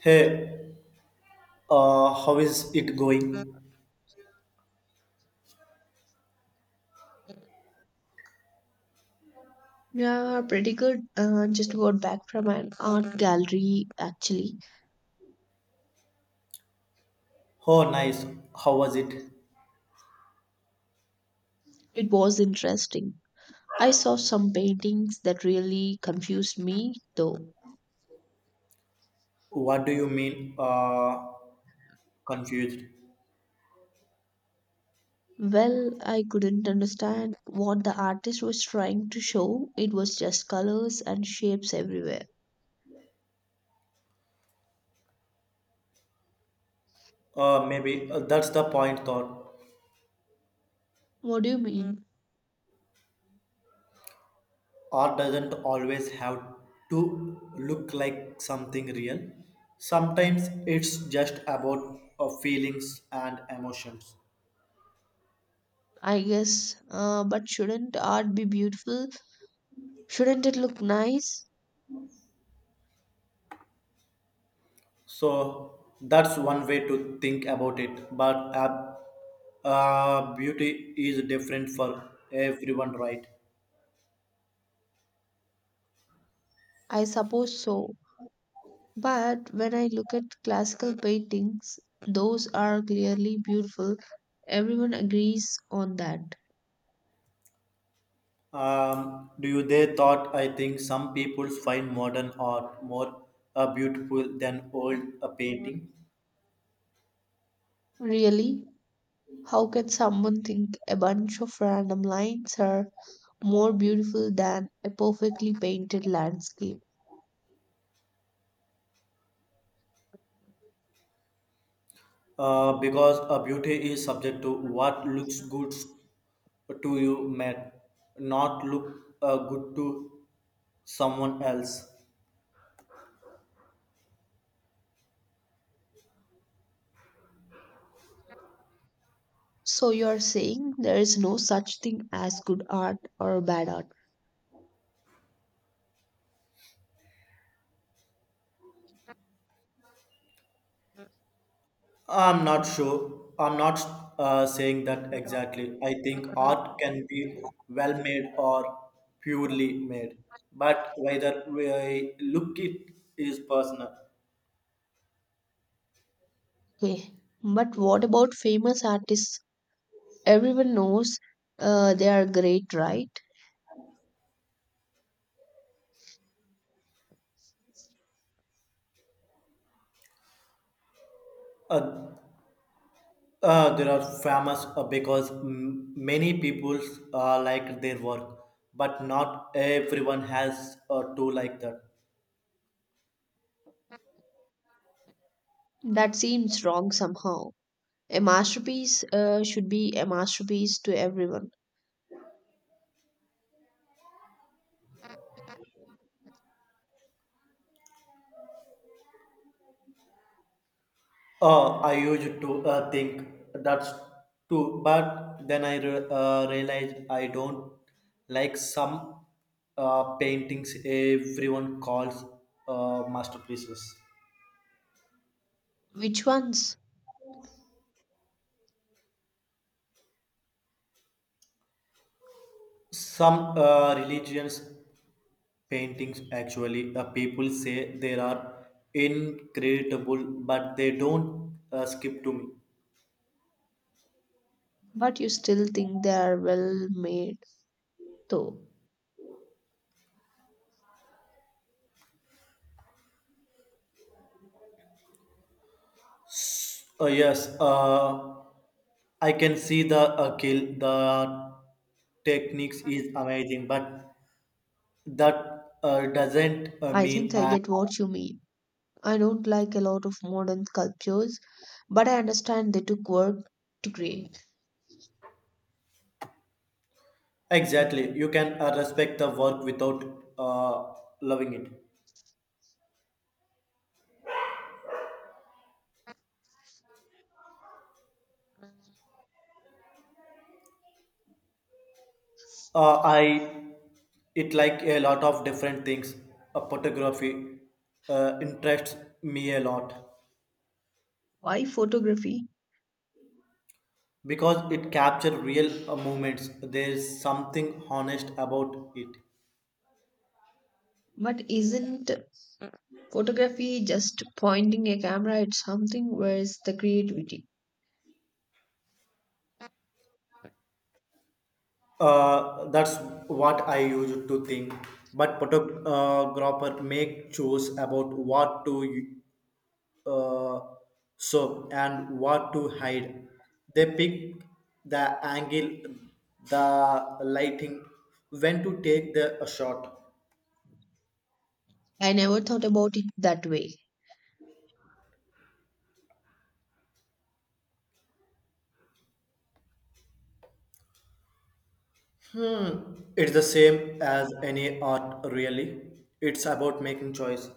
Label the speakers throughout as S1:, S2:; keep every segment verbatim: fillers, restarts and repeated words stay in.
S1: Hey, uh, how is it going?
S2: Yeah, pretty good. Uh, just got back from an art gallery, actually.
S1: Oh, nice. How was it?
S2: It was interesting. I saw some paintings that really confused me, though.
S1: What do you mean? Uh, confused.
S2: Well, I couldn't understand what the artist was trying to show. It was just colors and shapes everywhere.
S1: Uh, maybe uh, that's the point, thought.
S2: What do you mean?
S1: Art doesn't always have to look like something real. Sometimes it's just about uh, feelings and emotions.
S2: I guess, uh, but shouldn't art be beautiful? Shouldn't it look nice?
S1: So that's one way to think about it. But uh, uh, beauty is different for everyone, right?
S2: I suppose so. But when I look at classical paintings, those are clearly beautiful. Everyone agrees on that.
S1: Um, do you they thought I think some people find modern art more uh, beautiful than old uh, painting
S2: Really? How can someone think a bunch of random lines are more beautiful than a perfectly painted landscape?
S1: uh, because uh, beauty is subject to what looks good to you may not look uh, good to someone else.
S2: So you're saying there is no such thing as good art or bad art.
S1: I'm not sure. I'm not uh, saying that exactly. I think art can be well made or purely made, but whether we look it is personal.
S2: Okay. But what about famous artists? Everyone knows uh, they are great, right?
S1: Uh, Uh, they are famous uh, because m- many people uh, like their work, but not everyone has a tool like that.
S2: That seems wrong somehow. A masterpiece uh, should be a masterpiece to everyone.
S1: Uh, I used to uh, think that's true, but then I re- uh, realized I don't like some uh, paintings everyone calls uh, masterpieces.
S2: Which ones?
S1: Some uh, religions paintings actually uh, people say they are incredible but they don't uh, skip to me.
S2: But you still think they are well made, though.
S1: Uh, yes, uh, I can see the uh, kill the techniques is amazing but that uh, doesn't uh,
S2: I think
S1: mean
S2: I
S1: I
S2: get what you mean. I don't like a lot of modern sculptures, but I understand they took work to create.
S1: exactly you can uh, respect the work without uh, loving it. uh, I it like a lot of different things. Uh, photography uh, interests me a lot
S2: Why photography?
S1: because it captures real uh, moments. There's something honest about it.
S2: But isn't photography just pointing a camera at something? Where's the creativity?
S1: Uh, that's what I used to think but photographer make choice about what to uh, show and what to hide. They pick the angle, the lighting, when to take the shot.
S2: I never thought about it that way.
S1: Hmm. It's the same as any art, really. It's about making choice.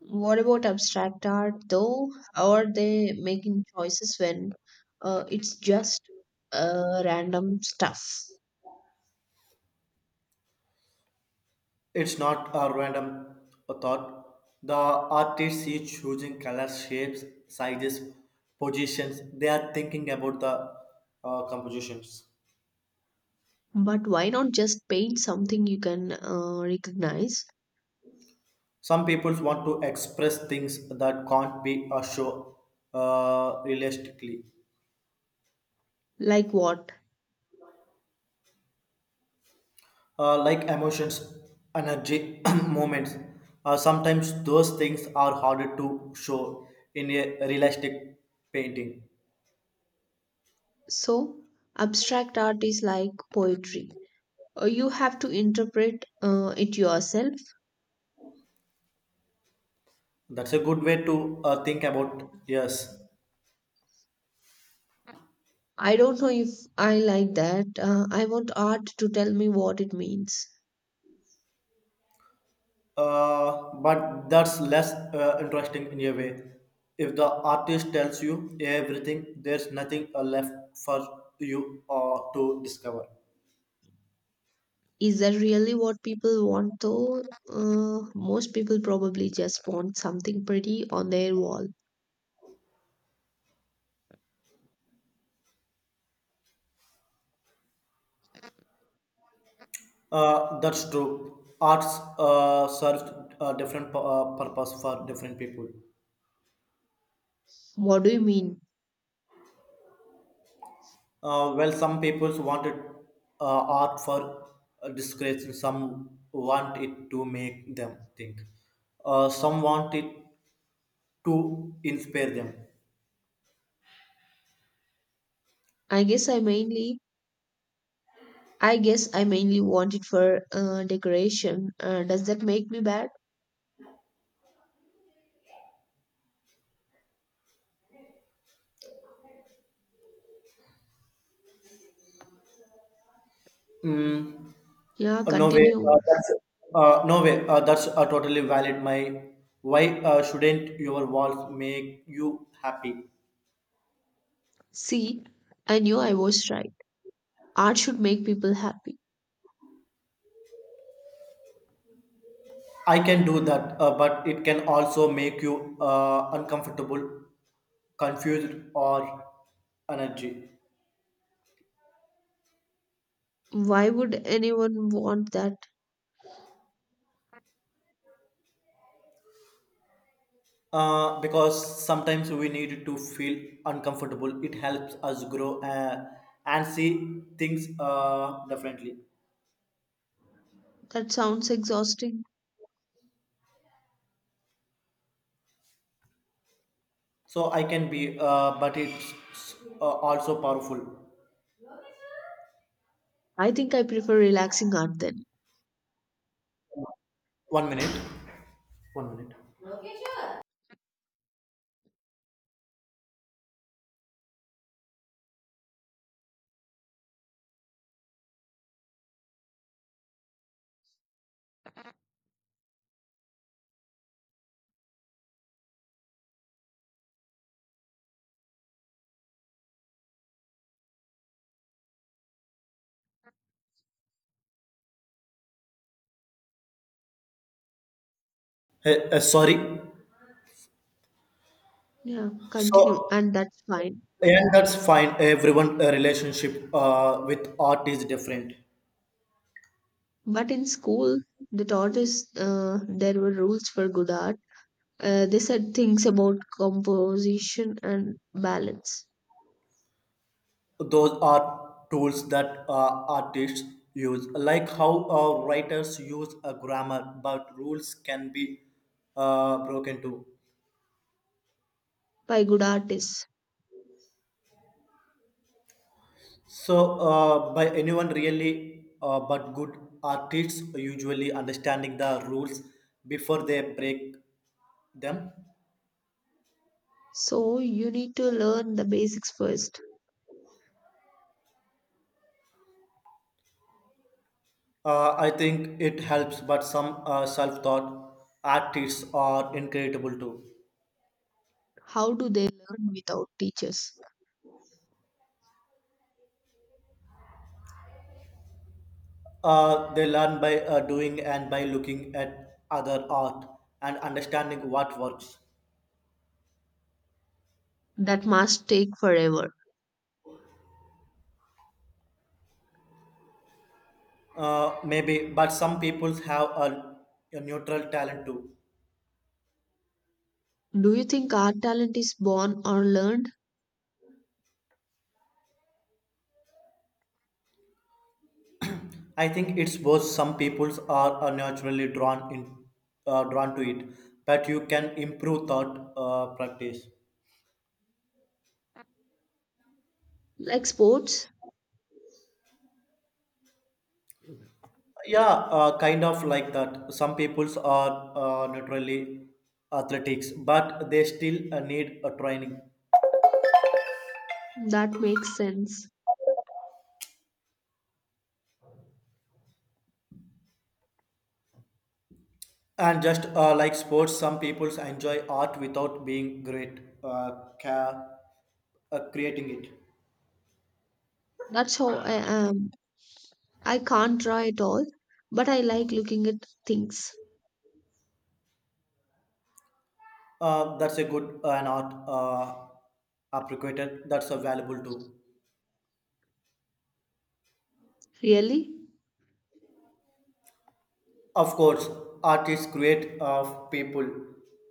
S2: What about abstract art though? How are they making choices when uh, it's just uh, random stuff?
S1: It's not a random thought. The artist is choosing colors, shapes, sizes, positions. They are thinking about the uh, compositions.
S2: But why not just paint something you can uh, recognize?
S1: Some people want to express things that can't be uh, shown uh, realistically,
S2: Like what?
S1: uh, like emotions, energy, moments. Uh, sometimes those things are harder to show in a realistic painting.
S2: So, abstract art is like poetry. Uh, You have to interpret uh, it yourself.
S1: That's a good way to uh, think about, yes.
S2: I don't know if I like that. Uh, I want art to tell me what it means.
S1: Uh, but that's less uh, interesting in a way. If the artist tells you everything, there's nothing uh, left for you uh, to discover.
S2: Is that really what people want, though? Uh, most people probably just want something pretty on their wall.
S1: Uh, that's true. Arts uh, serves a different pu- uh, purpose for different people.
S2: What do you mean?
S1: Uh, well, some people wanted uh, art for uh, discretion, some want it to make them think, uh, some want it to inspire them.
S2: I guess I mainly. I guess I mainly want it for uh, decoration. Uh, does that make me bad?
S1: Mm,
S2: Yeah,
S1: Uh, no way.
S2: continue.
S1: Uh, that's uh, no way. Uh, that's uh, totally valid. My why uh, shouldn't your walls make you happy?
S2: See, I knew I was right. Art should make people happy.
S1: I can do that, uh, but it can also make you uh, uncomfortable, confused, or energy.
S2: Why would anyone want that?
S1: Uh, because sometimes we need to feel uncomfortable. It helps us grow uh, and see things uh, differently.
S2: That sounds exhausting.
S1: So I can be, uh, but it's uh, also powerful.
S2: I think I prefer relaxing art then.
S1: One minute. One minute. Uh, uh, sorry.
S2: Yeah,
S1: So,
S2: continue, and that's fine.
S1: and that's fine. Everyone' uh, relationship uh, with art is different.
S2: But in school, they taught us uh, there were rules for good art. Uh, they said things about composition and balance
S1: Those are tools that uh, artists use, like how uh, writers use a grammar, but rules can be uh, broken too.
S2: by good artists.
S1: So, uh, by anyone really, uh, but good artists usually understanding the rules before they break them.
S2: So you need to learn the basics first.
S1: Uh, I think it helps, but some uh, self taught artists are incredible too.
S2: How do they learn without teachers?
S1: Uh, they learn by uh, doing and by looking at other art and understanding what works.
S2: That must take forever.
S1: Uh, maybe, but some people have a, a neutral talent too.
S2: Do you think art talent is born or learned?
S1: I think it's both. Some people are uh, naturally drawn in, uh, drawn to it, but you can improve thought uh, practice.
S2: Like sports,
S1: Yeah, uh, kind of like that. Some peoples are uh, naturally athletics, but they still uh, need a training.
S2: that makes sense.
S1: And just uh, like sports, some peoples enjoy art without being great, uh, ca- uh, creating it.
S2: That's how I am. I can't draw at all, but I like looking at things.
S1: Uh, that's a good uh, an art uh, appreciated. That's a valuable too.
S2: Really?
S1: Of course, artists create of people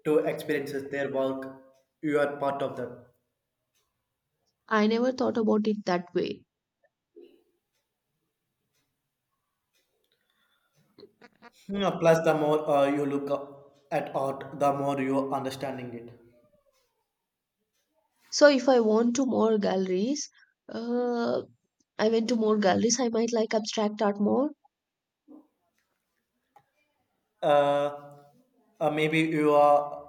S1: to experiences their work. You are part of that.
S2: I never thought about it that way.
S1: Yeah, plus, the more uh, you look up at art, the more you understanding it.
S2: So if I want to more galleries, uh, I went to more galleries, I might like abstract art more.
S1: Uh, uh, maybe you are,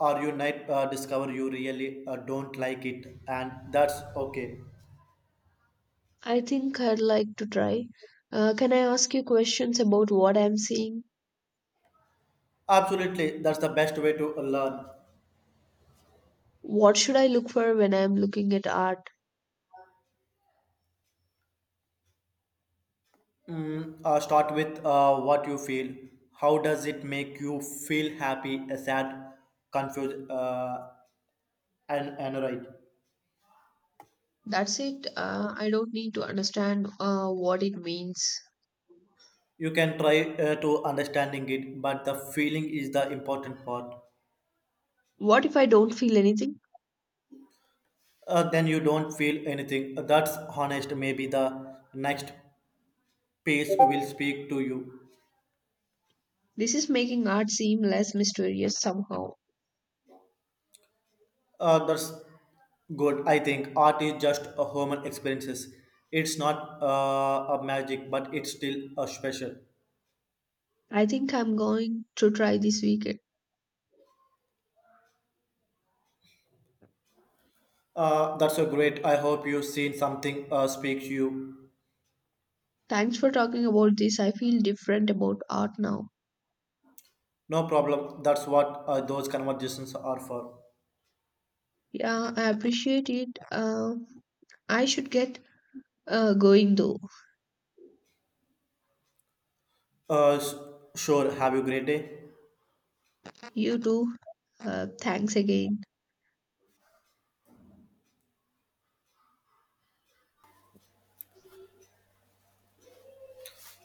S1: or you might uh, discover you really uh, don't like it, and that's okay.
S2: I think I'd like to try. Uh, can I ask you questions about what I'm seeing?
S1: Absolutely, that's the best way to learn.
S2: What should I look for when I'm looking at art?
S1: Mm, uh, start with uh, what you feel. How does it make you feel? Happy, uh, sad, confused, uh, and annoyed?
S2: That's it. Uh, I don't need to understand uh, what it means.
S1: You can try uh, to understanding it, but the feeling is the important part.
S2: What if I don't feel anything?
S1: Uh, then you don't feel anything. Uh, That's honest. Maybe the next piece will speak to you.
S2: This is making art seem less mysterious somehow.
S1: Uh, that's good. I think art is just a human experiences. It's not uh, a magic, but it's still a special.
S2: I think I'm going to try this weekend.
S1: Uh, that's so great. I hope you've seen something uh, speak to you.
S2: Thanks for talking about this. I feel different about art now.
S1: No problem. That's what uh, those conversations are for.
S2: Yeah, I appreciate it. Uh, I should get uh, going though.
S1: Uh, s- sure. Have a great day.
S2: You too. Uh, thanks again.